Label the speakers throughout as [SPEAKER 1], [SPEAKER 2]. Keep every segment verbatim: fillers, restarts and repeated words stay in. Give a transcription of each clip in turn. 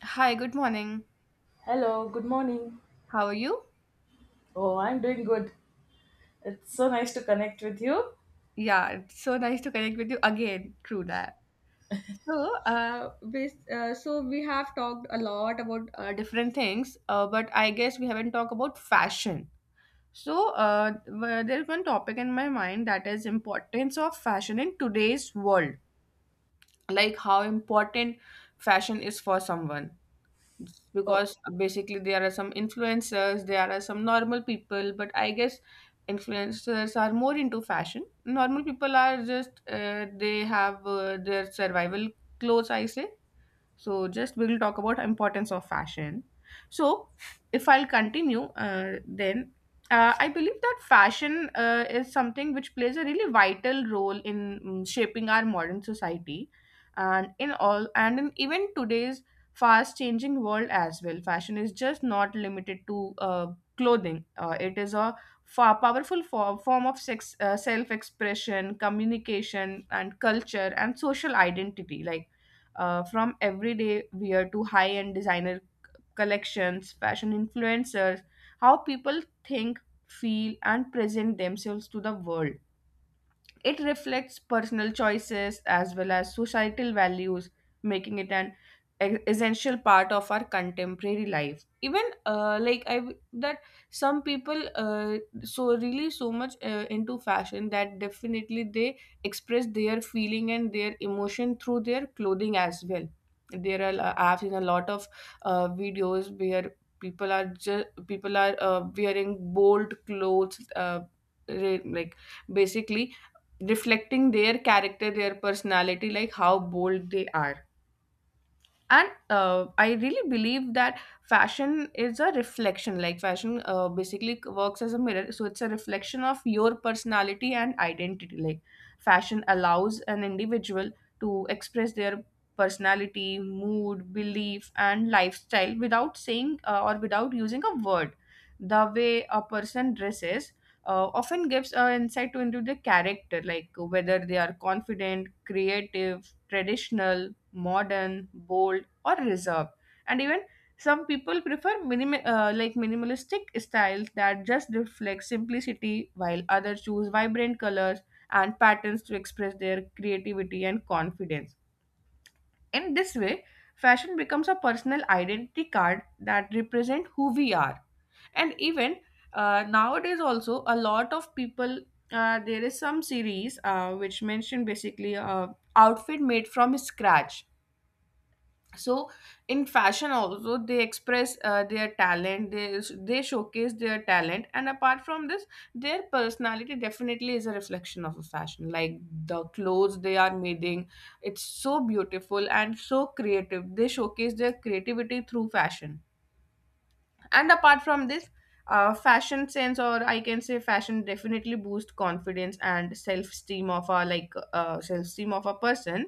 [SPEAKER 1] Hi, good morning.
[SPEAKER 2] Hello, good morning.
[SPEAKER 1] How are you?
[SPEAKER 2] Oh, I'm doing good. It's so nice to connect with you.
[SPEAKER 1] Yeah, it's so nice to connect with you again through that. So, uh, bas uh, so we have talked a lot about uh, different things, uh, but I guess we haven't talked about fashion. So, uh, w- there's one topic in my mind, that is importance of fashion in today's world, like how important fashion is for someone.
[SPEAKER 2] Oh,
[SPEAKER 1] Because basically there are some influencers, there are some normal people, but I guess influencers are more into fashion. Normal people are just uh, they have uh, their survival clothes, I say. So just we will talk about importance of fashion. So if I'll continue uh, then uh, I believe that fashion uh, is something which plays a really vital role in mm, shaping our modern society and in all and in even today's fast changing world as well. Fashion is just not limited to uh, clothing. Uh, it is a fa- powerful fo- form of sex, uh, self-expression, communication and culture and social identity, like uh, from everyday wear to high end designer collections, fashion influencers, how people think, feel, and present themselves to the world. It reflects personal choices as well as societal values, making it an e- essential part of our contemporary life. Even uh, like i w- that some people uh, so really so much uh, into fashion, that definitely they express their feeling and their emotion through their clothing as well. There are uh, I've seen a lot of uh, videos where people are just people are uh, wearing bold clothes, uh, re- like basically reflecting their character, their personality, like how bold they are. And uh, I really believe that fashion is a reflection, like fashion uh, basically works as a mirror, so it's a reflection of your personality and identity. Like fashion allows an individual to express their personality, mood, belief and lifestyle without saying uh, or without using a word. The way a person dresses uh, often gives an insight to into their character, like whether they are confident, creative, traditional, modern, bold or reserved. And even some people prefer minim- uh, like minimalistic styles that just reflect simplicity, while others choose vibrant colors and patterns to express their creativity and confidence. In this way fashion becomes a personal identity card that represent who we are. And even uh, nowadays also, a lot of people, uh, there is some series uh, which mentioned basically uh, outfit made from scratch. So in fashion also they express uh, their talent, they they showcase their talent. And apart from this, their personality definitely is a reflection of a fashion, like the clothes they are making, it's so beautiful and so creative. They showcase their creativity through fashion. And apart from this, uh, fashion sense, or I can say fashion, definitely boost confidence and self-esteem of a, like uh, self-esteem of a person.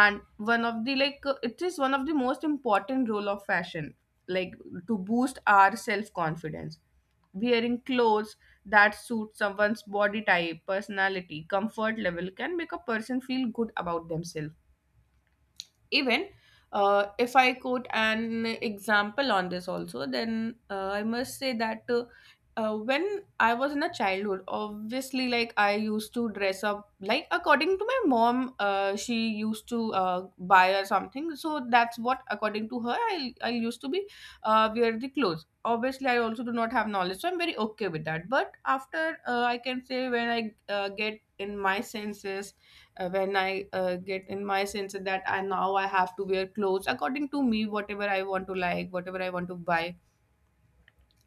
[SPEAKER 1] And one of the like uh, it is one of the most important role of fashion, like to boost our self confidence. Wearing clothes that suit someone's body type, personality, comfort level can make a person feel good about themselves. Even uh, if I quote an example on this also, then uh, I must say that, uh, uh, when I was in a childhood, obviously, like I used to dress up like according to my mom. Uh, she used to uh, buy or something, so that's what according to her, I I used to be uh, wear the clothes. Obviously, I also do not have knowledge, so I'm very okay with that. But after uh, I can say, when I uh, get in my senses, uh, when I uh, get in my sense that I, now I have to wear clothes according to me, whatever I want to, like whatever I want to buy,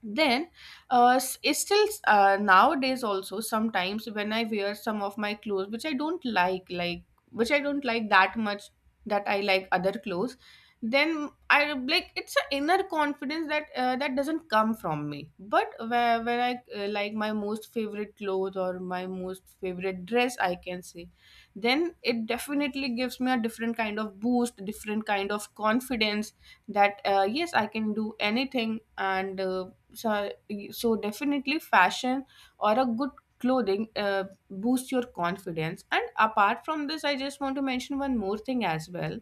[SPEAKER 1] then uh, s- it's still uh, nowadays also, sometimes when I wear some of my clothes which I don't like, like which i don't like that much, that I like other clothes, then I, like, it's an inner confidence that uh, that doesn't come from me, but where, where I uh, like my most favorite clothes or my most favorite dress, I can say, then it definitely gives me a different kind of boost, different kind of confidence, that uh, yes, I can do anything. And uh, so, so definitely fashion or a good clothing uh, boosts your confidence. And apart from this, I just want to mention one more thing as well.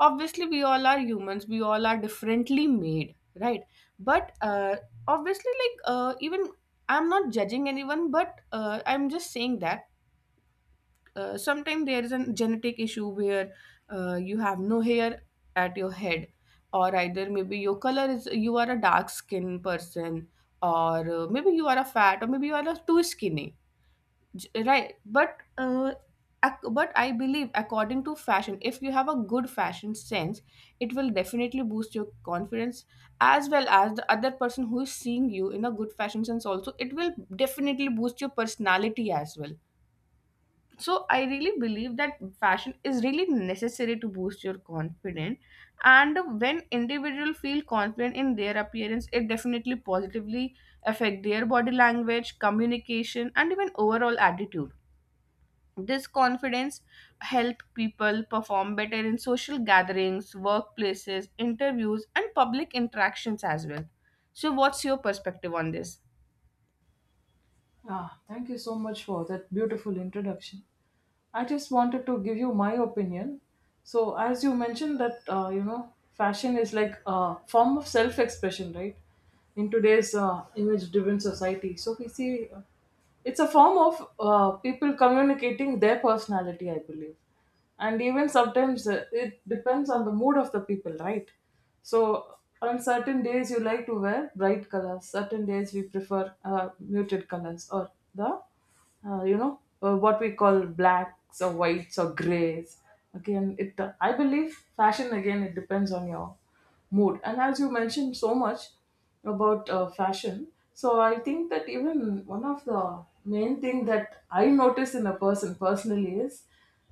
[SPEAKER 1] Obviously we all are humans, we all are differently made, right? But uh, obviously, like uh, even I'm not judging anyone, but uh, I'm just saying that uh, sometimes there is a genetic issue where uh, you have no hair at your head, or either maybe your color is, you are a dark skinned person, or uh, maybe you are a fat, or maybe you are a too skinny. J- right, but uh, ac- but I believe according to fashion, if you have a good fashion sense, it will definitely boost your confidence, as well as the other person who is seeing you in a good fashion sense also, it will definitely boost your personality as well. So I really believe that fashion is really necessary to boost your confidence. And when individual feel confident in their appearance, it definitely positively affect their body language, communication and even overall attitude. This confidence help people perform better in social gatherings, workplaces, interviews and public interactions as well. So what's your perspective on this?
[SPEAKER 2] ah, thank you so much for that beautiful introduction. I just wanted to give you my opinion. So, as you mentioned that uh, you know, fashion is like a form of self-expression, right? In today's uh, image-driven society, so we see uh, it's a form of uh, people communicating their personality, I believe, and even sometimes uh, it depends on the mood of the people, right? So, on certain days you like to wear bright colors. Certain days we prefer uh, muted colors or the uh, you know uh, what we call blacks or whites or grays again. It i believe fashion again, it depends on your mood. And as you mentioned so much about uh, fashion, so I think that even one of the main thing that I notice in a person personally is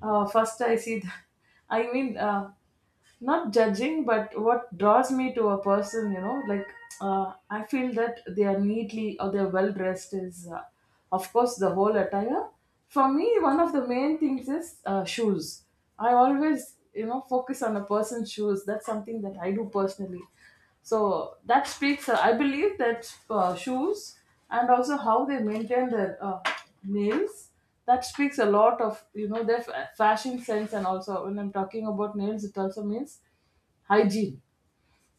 [SPEAKER 2] uh, first I see the, I mean uh, not judging, but what draws me to a person, you know, like uh, I feel that they are neatly or they're well dressed is uh, of course the whole attire. For me, one of the main things is uh, shoes. I always, you know, focus on a person's shoes. That's something that I do personally. So that speaks, uh, I believe that uh, shoes and also how they maintain their uh, nails, that speaks a lot of, you know, their fa- fashion sense. And also when I'm talking about nails, it also means hygiene.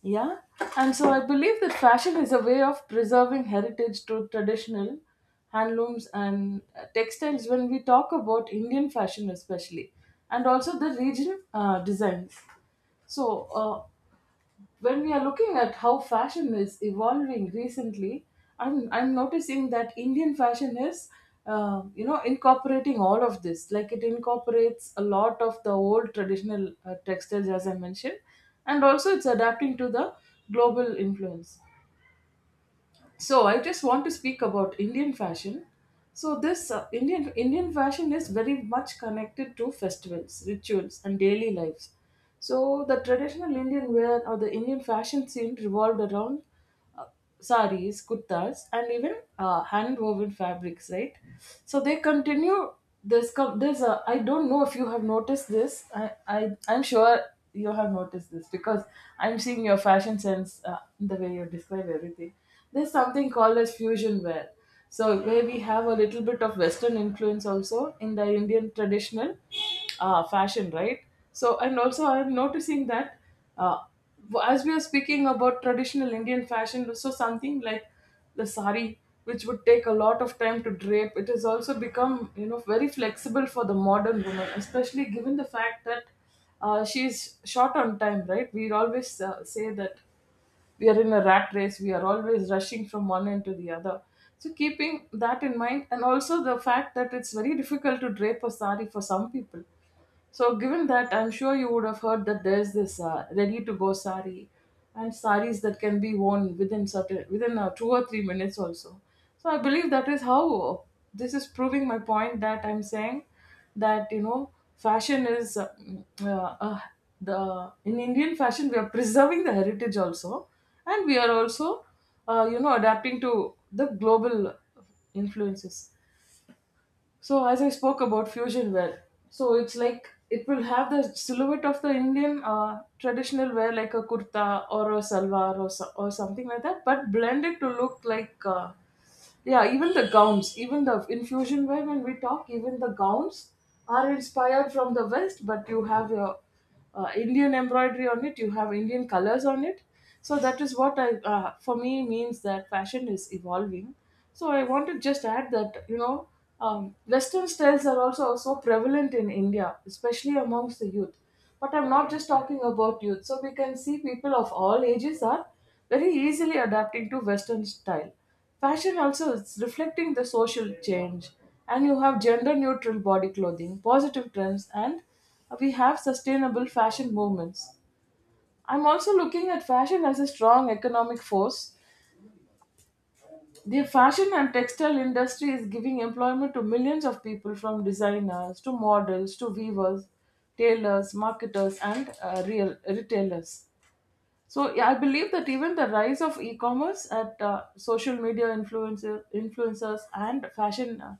[SPEAKER 2] Yeah. And so I believe that fashion is a way of preserving heritage to traditional handlooms and uh, textiles when we talk about Indian fashion especially, and also the region uh, designs. So uh, when we are looking at how fashion is evolving recently, I'm I'm noticing that Indian fashion is uh, you know, incorporating all of this. Like it incorporates a lot of the old traditional uh, textiles, as I mentioned, and also it's adapting to the global influence. So I just want to speak about Indian fashion. So this uh, indian indian fashion is very much connected to festivals, rituals and daily lives. So the traditional Indian wear or the Indian fashion scene revolved around uh, saris, kurtas and even uh, hand woven fabrics, right? So they continue this com- there's a, I don't know if you have noticed this. I, I i'm sure you have noticed this because I'm seeing your fashion sense uh, in the way you describe everything. There's something called as fusion wear. So, where we have a little bit of Western influence also in the Indian traditional uh, fashion, right? So, and also I'm noticing that uh, as we are speaking about traditional Indian fashion, so something like the sari, which would take a lot of time to drape, it has also become, you know, very flexible for the modern woman, especially given the fact that uh, she's short on time, right? We always uh, say that we are in a rat race. We are always rushing from one end to the other. So keeping that in mind, and also the fact that it's very difficult to drape a sari for some people. So, given that, I'm sure you would have heard that there's this uh, ready-to-go sari, and saris that can be worn within certain within uh, two or three minutes also. So, I believe that is how this is proving my point that I'm saying that, you know, fashion is uh, uh, uh, the in indian fashion. We are preserving the heritage also, and we are also uh, you know, adapting to the global influences. So as I spoke about fusion wear, so it's like it will have the silhouette of the Indian uh, traditional wear, like a kurta or a salwar or so, or something like that, but blended to look like uh, yeah, even the gowns, even the in fusion wear when we talk, even the gowns are inspired from the West, but you have your uh, Indian embroidery on it, you have Indian colors on it. So that is what I, uh, for me, means that fashion is evolving. So I want to just add that, you know, um, Western styles are also so prevalent in India, especially amongst the youth. But I'm not just talking about youth. So we can see people of all ages are very easily adapting to Western style. Fashion also is reflecting the social change, and you have gender neutral body clothing, positive trends, and we have sustainable fashion movements. I'm also looking at fashion as a strong economic force. The fashion and textile industry is giving employment to millions of people, from designers to models to weavers, tailors, marketers, and uh, real retailers. So yeah, I believe that even the rise of e-commerce at uh, social media influencer, influencers and fashion uh,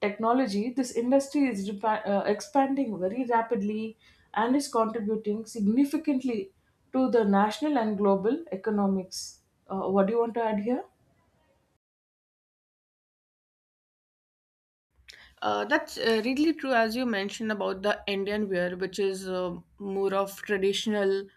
[SPEAKER 2] technology, this industry is repa- uh, expanding very rapidly and is contributing significantly to the national and global economics. Uh, what do you want to add here?
[SPEAKER 1] Uh, that's uh, really true, as you mentioned about the Indian wear, which is uh, more of traditional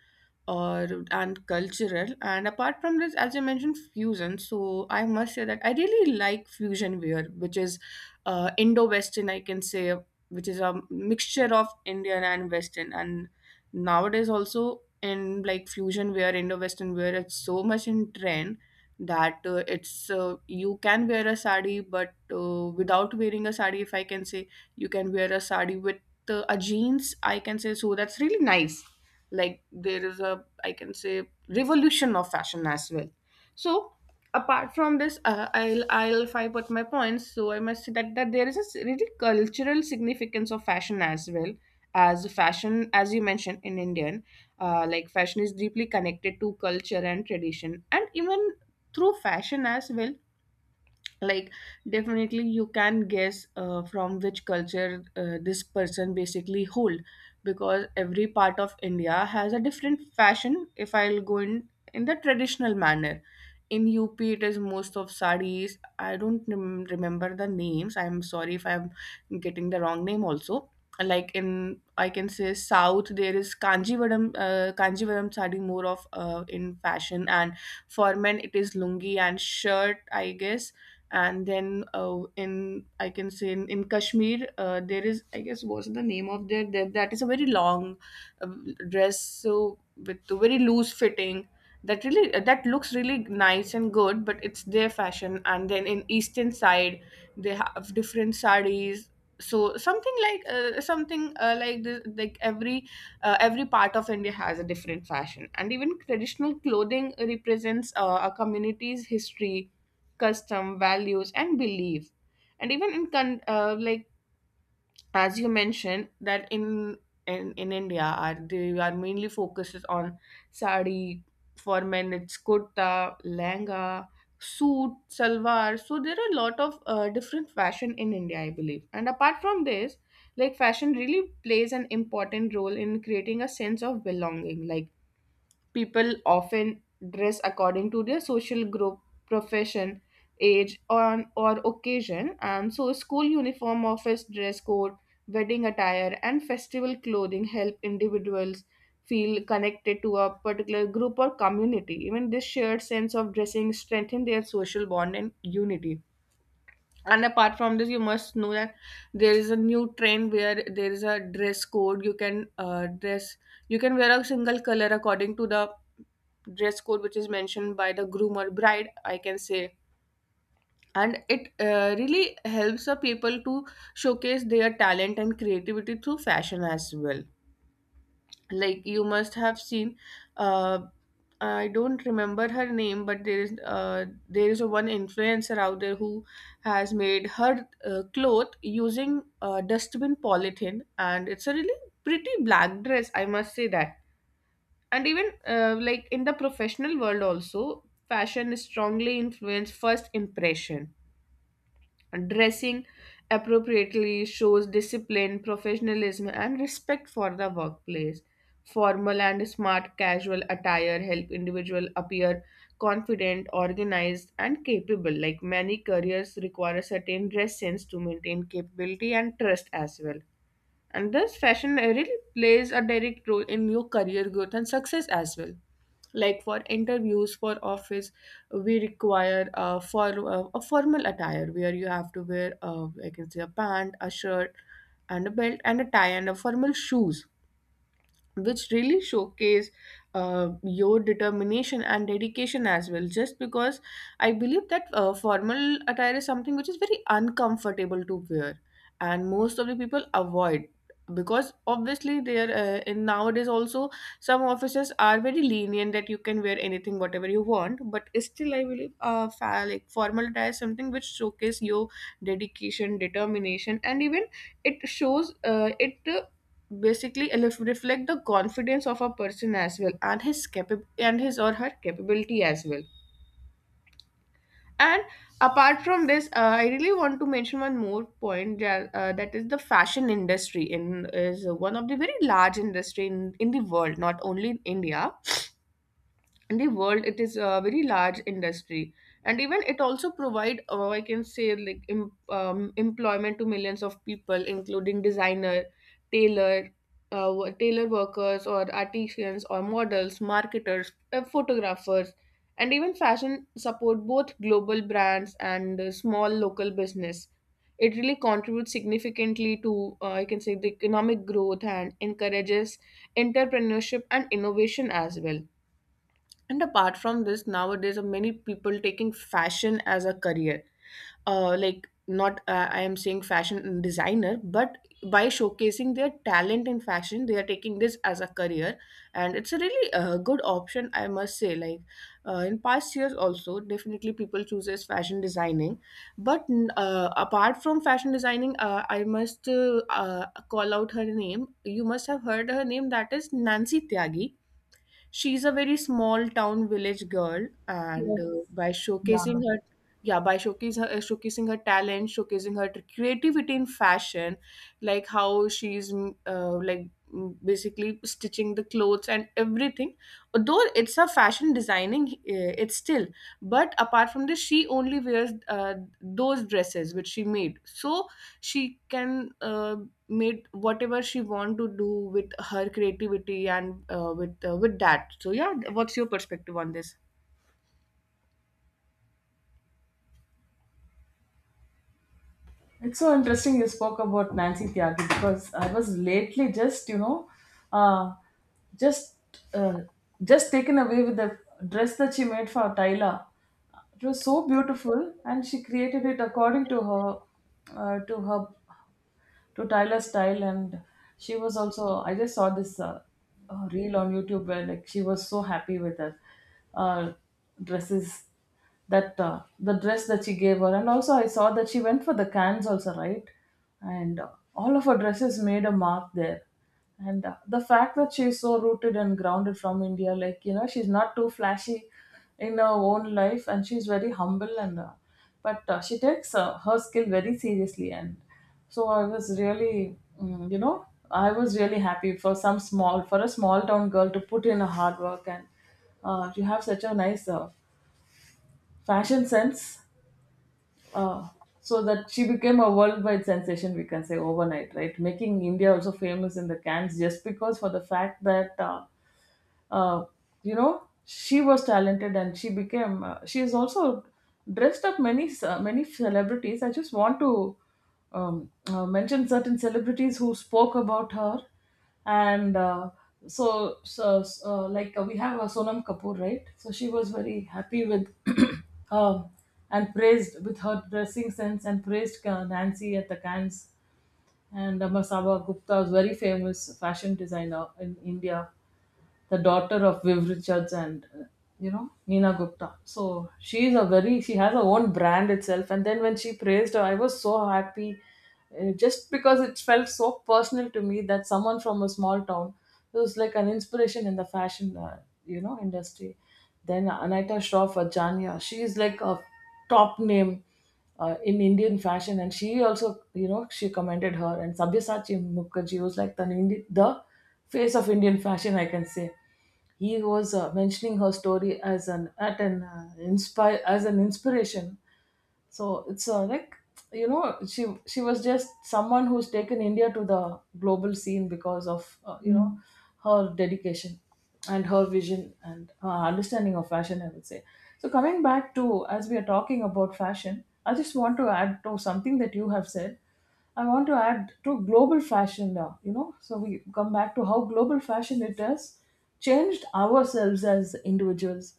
[SPEAKER 1] or and cultural. And apart from this, as you mentioned, fusion. So I must say that I really like fusion wear, which is uh, Indo-Western, I can say, which is a mixture of Indian and Western. And nowadays also in, like, fusion wear, Indo-Western wear, it's so much in trend, that uh, it's uh, you can wear a sari, but uh, without wearing a sari, if I can say, you can wear a sari with uh, a jeans, I can say. So that's really nice. Like there is a, I can say, revolution of fashion as well. So apart from this, uh, i'll i'll if I put my points, so I must say that, that there is a s- really cultural significance of fashion as well. As fashion, as you mentioned, in Indian, uh, like fashion is deeply connected to culture and tradition. And even through fashion as well, like definitely you can guess uh, from which culture uh, this person basically hold, because every part of India has a different fashion. If I'll go in in the traditional manner, in UP it is most of sarees, I don't rem- remember the names, I'm sorry if I'm getting the wrong name also. Like in, I can say, south there is kanjivaram, uh, kanjivaram sari, more of uh, in fashion, and for men it is lungi and shirt, I guess. And then uh, in, I can say, in, in Kashmir, uh, there is, I guess, what's the name of their, that, that is a very long um, dress, so with a very loose fitting, that really, that looks really nice and good, but it's their fashion. And then in eastern side they have different sarees. So something like uh, something uh, like this, like every uh, every part of India has a different fashion. And even traditional clothing represents uh, a community's history, custom, values and belief. And even in con- uh, like as you mentioned that in in, in India are they are mainly focuses on sari, for men it's kurta, langa, suit salwar. So there are a lot of uh, different fashion in India, I believe. And apart from this, like fashion really plays an important role in creating a sense of belonging. Like people often dress according to their social group, profession, age, or, or occasion, and so school uniform, office dress code, wedding attire, and festival clothing help individuals feel connected to a particular group or community. Even this shared sense of dressing strengthen their social bond and unity. And apart from this, you must know that there is a new trend where there is a dress code. You can uh, dress, you can wear a single color according to the dress code, which is mentioned by the groom or bride, I can say. And it uh, really helps the people to showcase their talent and creativity through fashion as well, like you must have seen. uh, I don't remember her name, but there is uh, there is a one influencer out there who has made her uh, cloth using uh, dustbin polythene, and it's a really pretty black dress, I must say that. And even, uh, like in the professional world also, fashion is strongly influenced first impression. Dressing appropriately shows discipline, professionalism, and respect for the workplace. Formal and smart casual attire help individual appear confident, organized, and capable, like many careers require a certain dress sense to maintain capability and trust as well. And this fashion really plays a direct role in your career growth and success as well, like for interviews, for office, we require a, for, uh, a formal attire where you have to wear, uh, I can say, a pant, a shirt, and a belt, and a tie, and a formal shoes, which really showcase uh, your determination and dedication as well, just because I believe that uh, formal attire is something which is very uncomfortable to wear, and most of the people avoid because obviously they are, uh, in nowadays also some offices are very lenient that you can wear anything whatever you want, but still I believe, uh, fa- like formal attire is something which showcase your dedication, determination, and even it shows, uh, it basically elef- reflect the confidence of a person as well, and his capa- and his or her capability as well. And apart from this, uh, I really want to mention one more point, that, uh, that is, the fashion industry in is one of the very large industry in, in the world, not only in India, in the world it is a very large industry. And even it also provide, uh, I can say, like em- um, employment to millions of people, including designer, tailor, uh, wo- tailor workers, or artisans, or models, marketers, uh, photographers. And even fashion support both global brands and uh, small local business. It really contributes significantly to, uh, I can say, the economic growth, and encourages entrepreneurship and innovation as well. And apart from this, nowadays, are many people taking fashion as a career. Uh, like, not uh, I am saying fashion designer, but by showcasing their talent in fashion, they are taking this as a career, and it's a really uh, good option, I must say. Like, uh, in past years, also definitely people chooses fashion designing, but uh, apart from fashion designing, uh, I must uh, uh, call out her name. You must have heard her name. That is Nancy Tyagi. She's a very small town village girl, and uh, by showcasing her, yeah, by showcasing her, uh, showcasing her talent, showcasing her creativity in fashion, like how she's mm, uh, like mm, basically stitching the clothes and everything. Although it's a fashion designing, uh, it's still but apart from this, she only wears uh, those dresses which she made, so she can, uh, made whatever she want to do with her creativity, and uh, with uh, with that. So yeah, what's your perspective on this?
[SPEAKER 2] It's so interesting you spoke about Nancy Tyagi because I was lately just, you know, uh, just uh, just taken away with the dress that she made for Tyla. It was so beautiful, and she created it according to her uh, to her to Tyler style. And she was also, I just saw this uh, uh, reel on YouTube where like she was so happy with her uh, dresses, that uh, the dress that she gave her. And also, I saw that she went for the cans also, right? And uh, all of her dresses made a mark there. And uh, the fact that she's so rooted and grounded from India, like, you know, she's not too flashy in her own life and she's very humble and uh, but uh, she takes uh, her skill very seriously. And so I was really, mm, you know, I was really happy for some small for a small town girl to put in a hard work. And uh, you have such a nice uh, fashion sense uh, so that she became a worldwide sensation, we can say overnight, right? Making India also famous in the cans, just because for the fact that uh, uh, you know, she was talented. And she became uh, she has also dressed up many ce- uh, many celebrities. I just want to um, uh, mention certain celebrities who spoke about her. And uh, so, so uh, like uh, we have uh, Sonam Kapoor, right? So she was very happy with um, and praised with her dressing sense and praised uh, Nancy at the Cannes. And uh, Masaba Gupta was very famous fashion designer in India, the daughter of Viv Richards and uh, you know, Nina Gupta. So she is a very, she has her own brand itself. And then when she praised her, I was so happy, uh, just because it felt so personal to me that someone from a small town was like an inspiration in the fashion uh, you know, industry. Then Anita Shroff Ajania, she is like a top name uh, in Indian fashion. And she also, you know, she commended her. And Sabyasachi Mukherjee was like the, Indi- the face of Indian fashion, I can say. He was uh, mentioning her story as an at an uh, inspire as an inspiration. So it's uh, like, you know, she she was just someone who's taken India to the global scene because of uh, you know, her dedication and her vision and her understanding of fashion, I would say. So coming back to as we are talking about fashion, I just want to add to something that you have said. I want to add to global fashion now, you know. So we come back to how global fashion it has changed ourselves as individuals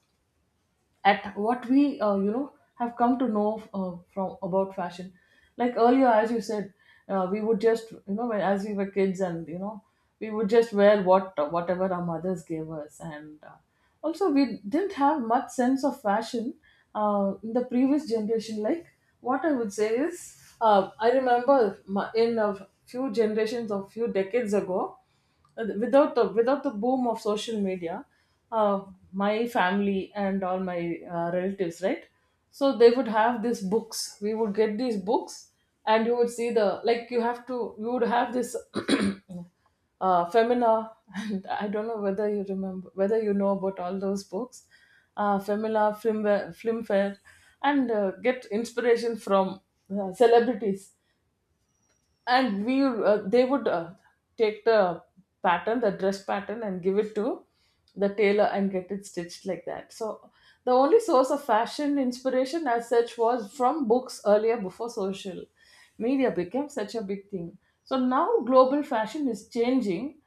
[SPEAKER 2] at what we uh, you know have come to know, uh, from about fashion, like earlier, as you said, uh, we would just, you know when, as we were kids, and you know we would just wear what, uh, whatever our mothers gave us. And uh, also we didn't have much sense of fashion uh, in the previous generation. Like what I would say is, uh, I remember my, in a few generations or few decades ago, uh, without the without the boom of social media, uh, my family and all my uh, relatives, right? So they would have these books, we would get these books, and you would see the, like you have to you would have this uh, Femina. And I don't know whether you remember, whether you know about all those books, uh, Femina, Flimware, Flimfare, and uh, get inspiration from uh, celebrities. And we uh, they would uh, take the pattern, the dress pattern, and give it to the tailor and get it stitched like that. So the only source of fashion inspiration as such was from books earlier, before social media became such a big thing. So now global fashion is changing,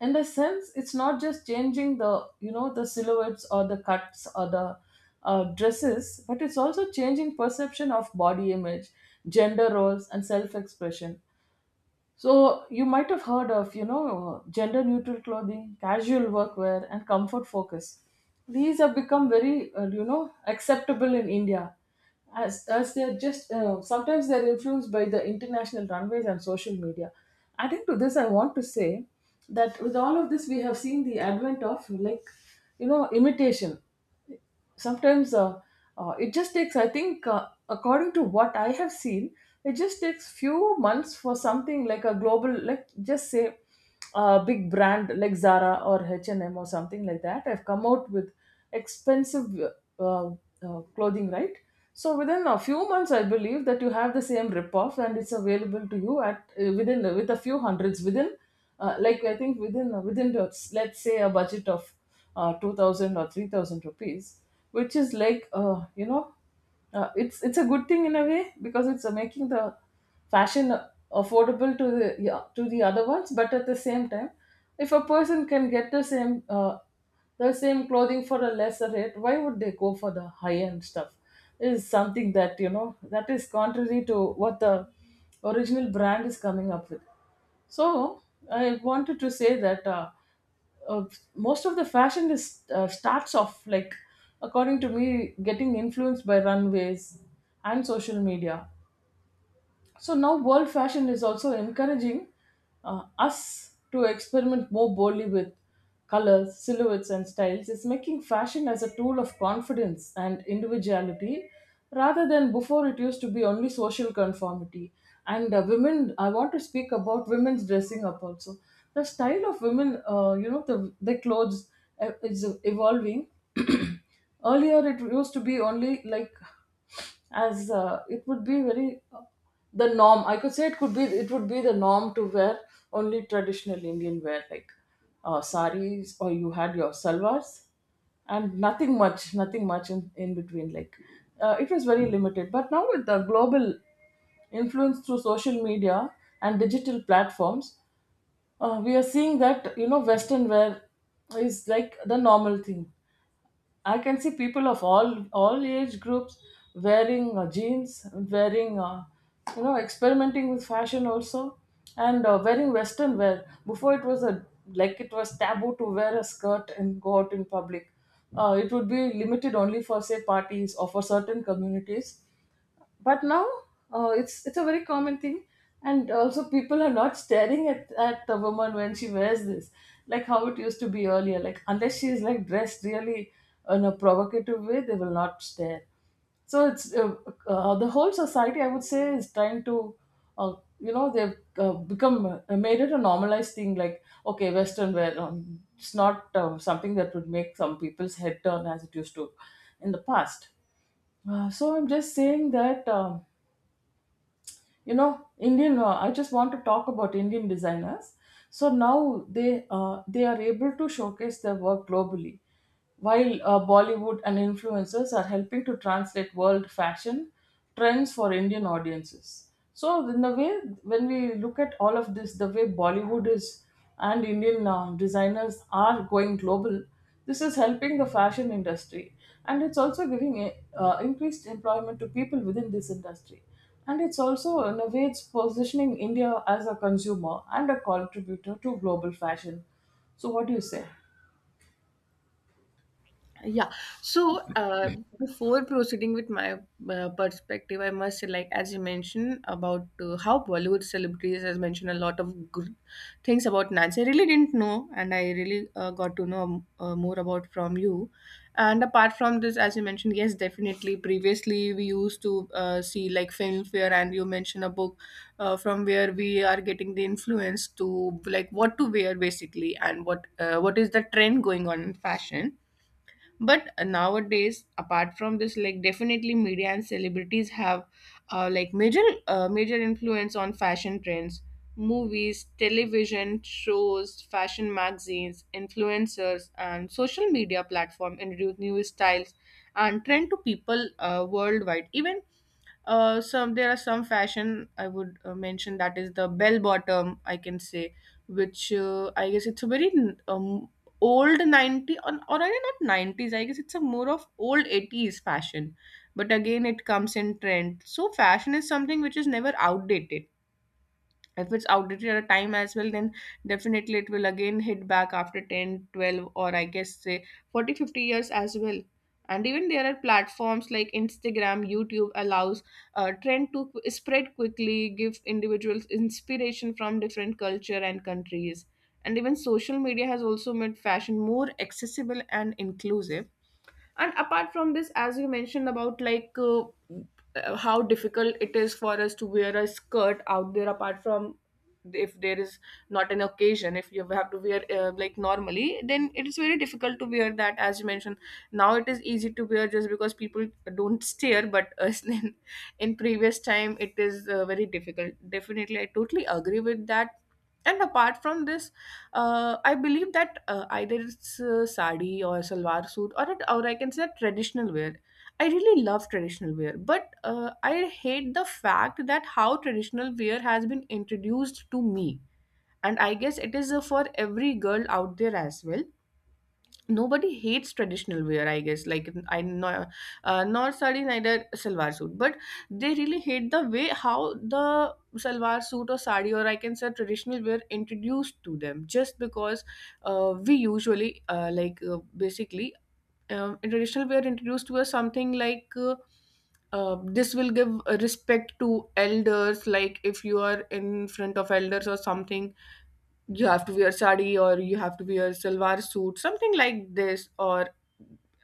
[SPEAKER 2] in the sense it's not just changing the you know the silhouettes or the cuts or the uh, dresses, but it's also changing perception of body image, gender roles, and self-expression. So you might have heard of, you know, gender neutral clothing, casual workwear, and comfort focus. These have become very, uh, you know, acceptable in India, as as they're just, uh, sometimes they're influenced by the international runways and social media. Adding to this, I want to say that with all of this, we have seen the advent of, like, you know, imitation. Sometimes uh, uh, it just takes, I think, uh, according to what I have seen, it just takes few months for something like a global, like just say a big brand like Zara or H&M or something like that have come out with expensive, uh, uh, clothing, right? So within a few months, I believe that you have the same ripoff, and it's available to you at, uh, within with a few hundreds within, uh, like I think within uh, within the, let's say, a budget of uh, two thousand or three thousand rupees, which is like, uh, you know, uh, it's it's a good thing in a way, because it's uh, making the fashion affordable to the, yeah, to the other ones. But at the same time, if a person can get the same, uh, the same clothing for a lesser rate, why would they go for the high end stuff? Is something that, you know, that is contrary to what the original brand is coming up with. So I wanted to say that, uh, uh, most of the fashion is, uh, starts off, like, according to me, getting influenced by runways and social media. So now world fashion is also encouraging uh, us to experiment more boldly with colors, silhouettes, and styles. It's making fashion as a tool of confidence and individuality, rather than before it used to be only social conformity. And uh, women, I want to speak about women's dressing up also. The style of women, uh, you know, the, the clothes uh, is evolving. Earlier it used to be only, like, as uh, it would be very, uh, the norm, I could say, it could be it would be the norm to wear only traditional Indian wear, like uh, saris, or you had your salwars, and nothing much, nothing much in, in between, like, uh, it was very limited. But now with the global influence through social media and digital platforms, uh, we are seeing that, you know Western wear is like the normal thing. I can see people of all all age groups wearing uh, jeans, wearing, uh, you know experimenting with fashion also, and uh, wearing Western wear. Before, it was a, like, it was taboo to wear a skirt and go out in public. Uh, it would be limited only for, say, parties or for certain communities. But now, uh, it's it's a very common thing, and also people are not staring at at the woman when she wears this, like how it used to be earlier, like unless she is, like, dressed really in a provocative way, they will not stare. So it's, uh, uh, the whole society, I would say, is trying to, uh, you know they've uh, become, uh, made it a normalized thing, like, okay, Western wear, um, it's not um, something that would make some people's head turn as it used to in the past. Uh, so I'm just saying that, um, you know Indian, uh, I just want to talk about Indian designers. So now they, uh, they are able to showcase their work globally, while uh, Bollywood and influencers are helping to translate world fashion trends for Indian audiences. So in the way, when we look at all of this, the way Bollywood is, and Indian uh, designers are going global, this is helping the fashion industry, and it's also giving uh, increased employment to people within this industry. And it's also, in a way, it's positioning India as a consumer and a contributor to global fashion. So what do you say?
[SPEAKER 1] Yeah. So uh, before proceeding with my uh, perspective, I must say, like, as you mentioned about uh, how Bollywood celebrities has mentioned a lot of good things about Nancy. I really didn't know, and I really uh, got to know uh, more about from you. And apart from this, as you mentioned, yes, definitely. Previously, we used to uh, see like Filmfare, and you mentioned a book, uh, from where we are getting the influence to, like, what to wear basically, and what uh, what is the trend going on in fashion. But nowadays, apart from this, like, definitely media and celebrities have uh, like major uh, major influence on fashion trends. Movies, television shows, fashion magazines, influencers, and social media platform introduce new styles and trend to people uh, worldwide. Even, uh, some there are some fashion I would uh, mention, that is the bell bottom, I can say, which, uh, I guess it's a very um, old ninety, or, or I mean not nineties, I guess it's a more of old eighties fashion, but again it comes in trend. So fashion is something which is never outdated. If it's outdated at a time as well, then definitely it will again hit back after ten, twelve, or I guess say forty, fifty years as well. And even there are platforms like Instagram, YouTube, allows uh, trend to qu- spread quickly, give individuals inspiration from different culture and countries. And even social media has also made fashion more accessible and inclusive. And apart from this, as you mentioned about, like, uh, uh, how difficult it is for us to wear a skirt out there, apart from if there is not an occasion, if you have to wear uh, like normally, then it is very difficult to wear that, as you mentioned. Now it is easy to wear, just because people don't stare, but uh, in, in previous time it is uh, very difficult, definitely, I totally agree with that. And apart from this, uh, I believe that uh, either it's uh, sari or salwar suit, or it- or I can say traditional wear. I really love traditional wear, but uh, I hate the fact that how traditional wear has been introduced to me, and I guess it is uh, for every girl out there as well. Nobody hates traditional wear, I guess, like, I know, uh, nor sari, neither salwar suit, but they really hate the way how the salwar suit or sari or I can say traditional wear introduced to them, just because uh, we usually uh, like uh, basically, um, in traditional wear introduced to us something like, uh, uh, this will give uh, respect to elders, like if you are in front of elders or something, you have to wear sari, or you have to wear salwar suit, something like this, or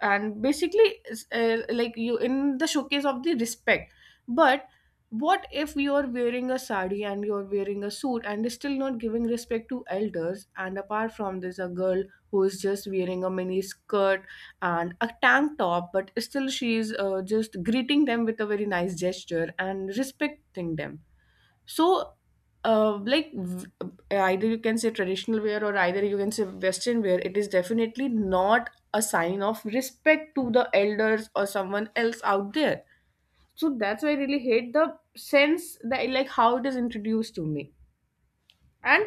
[SPEAKER 1] and basically it's, uh, like, you in the showcase of the respect. But what if you are wearing a sari, and you're wearing a suit, and is still not giving respect to elders, and apart from this a girl who is just wearing a mini skirt and a tank top, but still she's uh, just greeting them with a very nice gesture and respecting them. So, uh, like v- uh, either you can say traditional wear, or either you can say Western wear, it is definitely not a sign of respect to the elders or someone else out there. So that's why I really hate the sense that like how it is introduced to me. And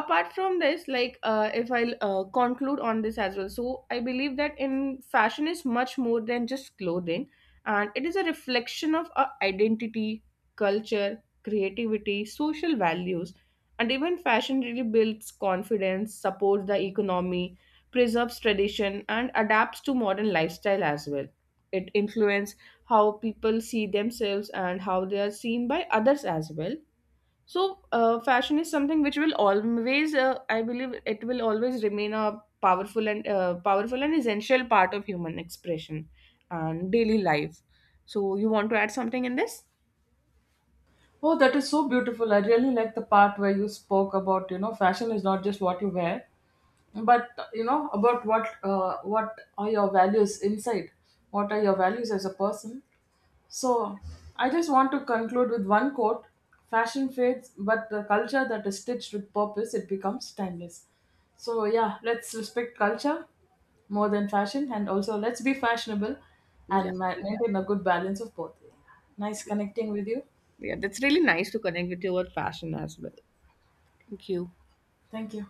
[SPEAKER 1] apart from this, like, uh, if I'll uh, conclude on this as well, so I believe that in fashion is much more than just clothing, and it is a reflection of our identity, culture, creativity, social values. And even fashion really builds confidence, supports the economy, preserves tradition, and adapts to modern lifestyle as well. It influences how people see themselves and how they are seen by others as well. So, uh, fashion is something which will always, uh, I believe, it will always remain a powerful and uh, powerful and essential part of human expression and daily life. So, you want to add something in this?
[SPEAKER 2] Oh, that is so beautiful. I really like the part where you spoke about, you know, fashion is not just what you wear, but, you know, about what uh, what are your values inside? What are your values as a person? So I just want to conclude with one quote. Fashion fades, but the culture that is stitched with purpose, it becomes timeless. So, yeah, let's respect culture more than fashion, and also let's be fashionable
[SPEAKER 1] Yeah,
[SPEAKER 2] and ma- maintain a good balance of both. Nice connecting with you.
[SPEAKER 1] yeah, that's really nice to connect with your fashion as well. Thank you.
[SPEAKER 2] Thank you.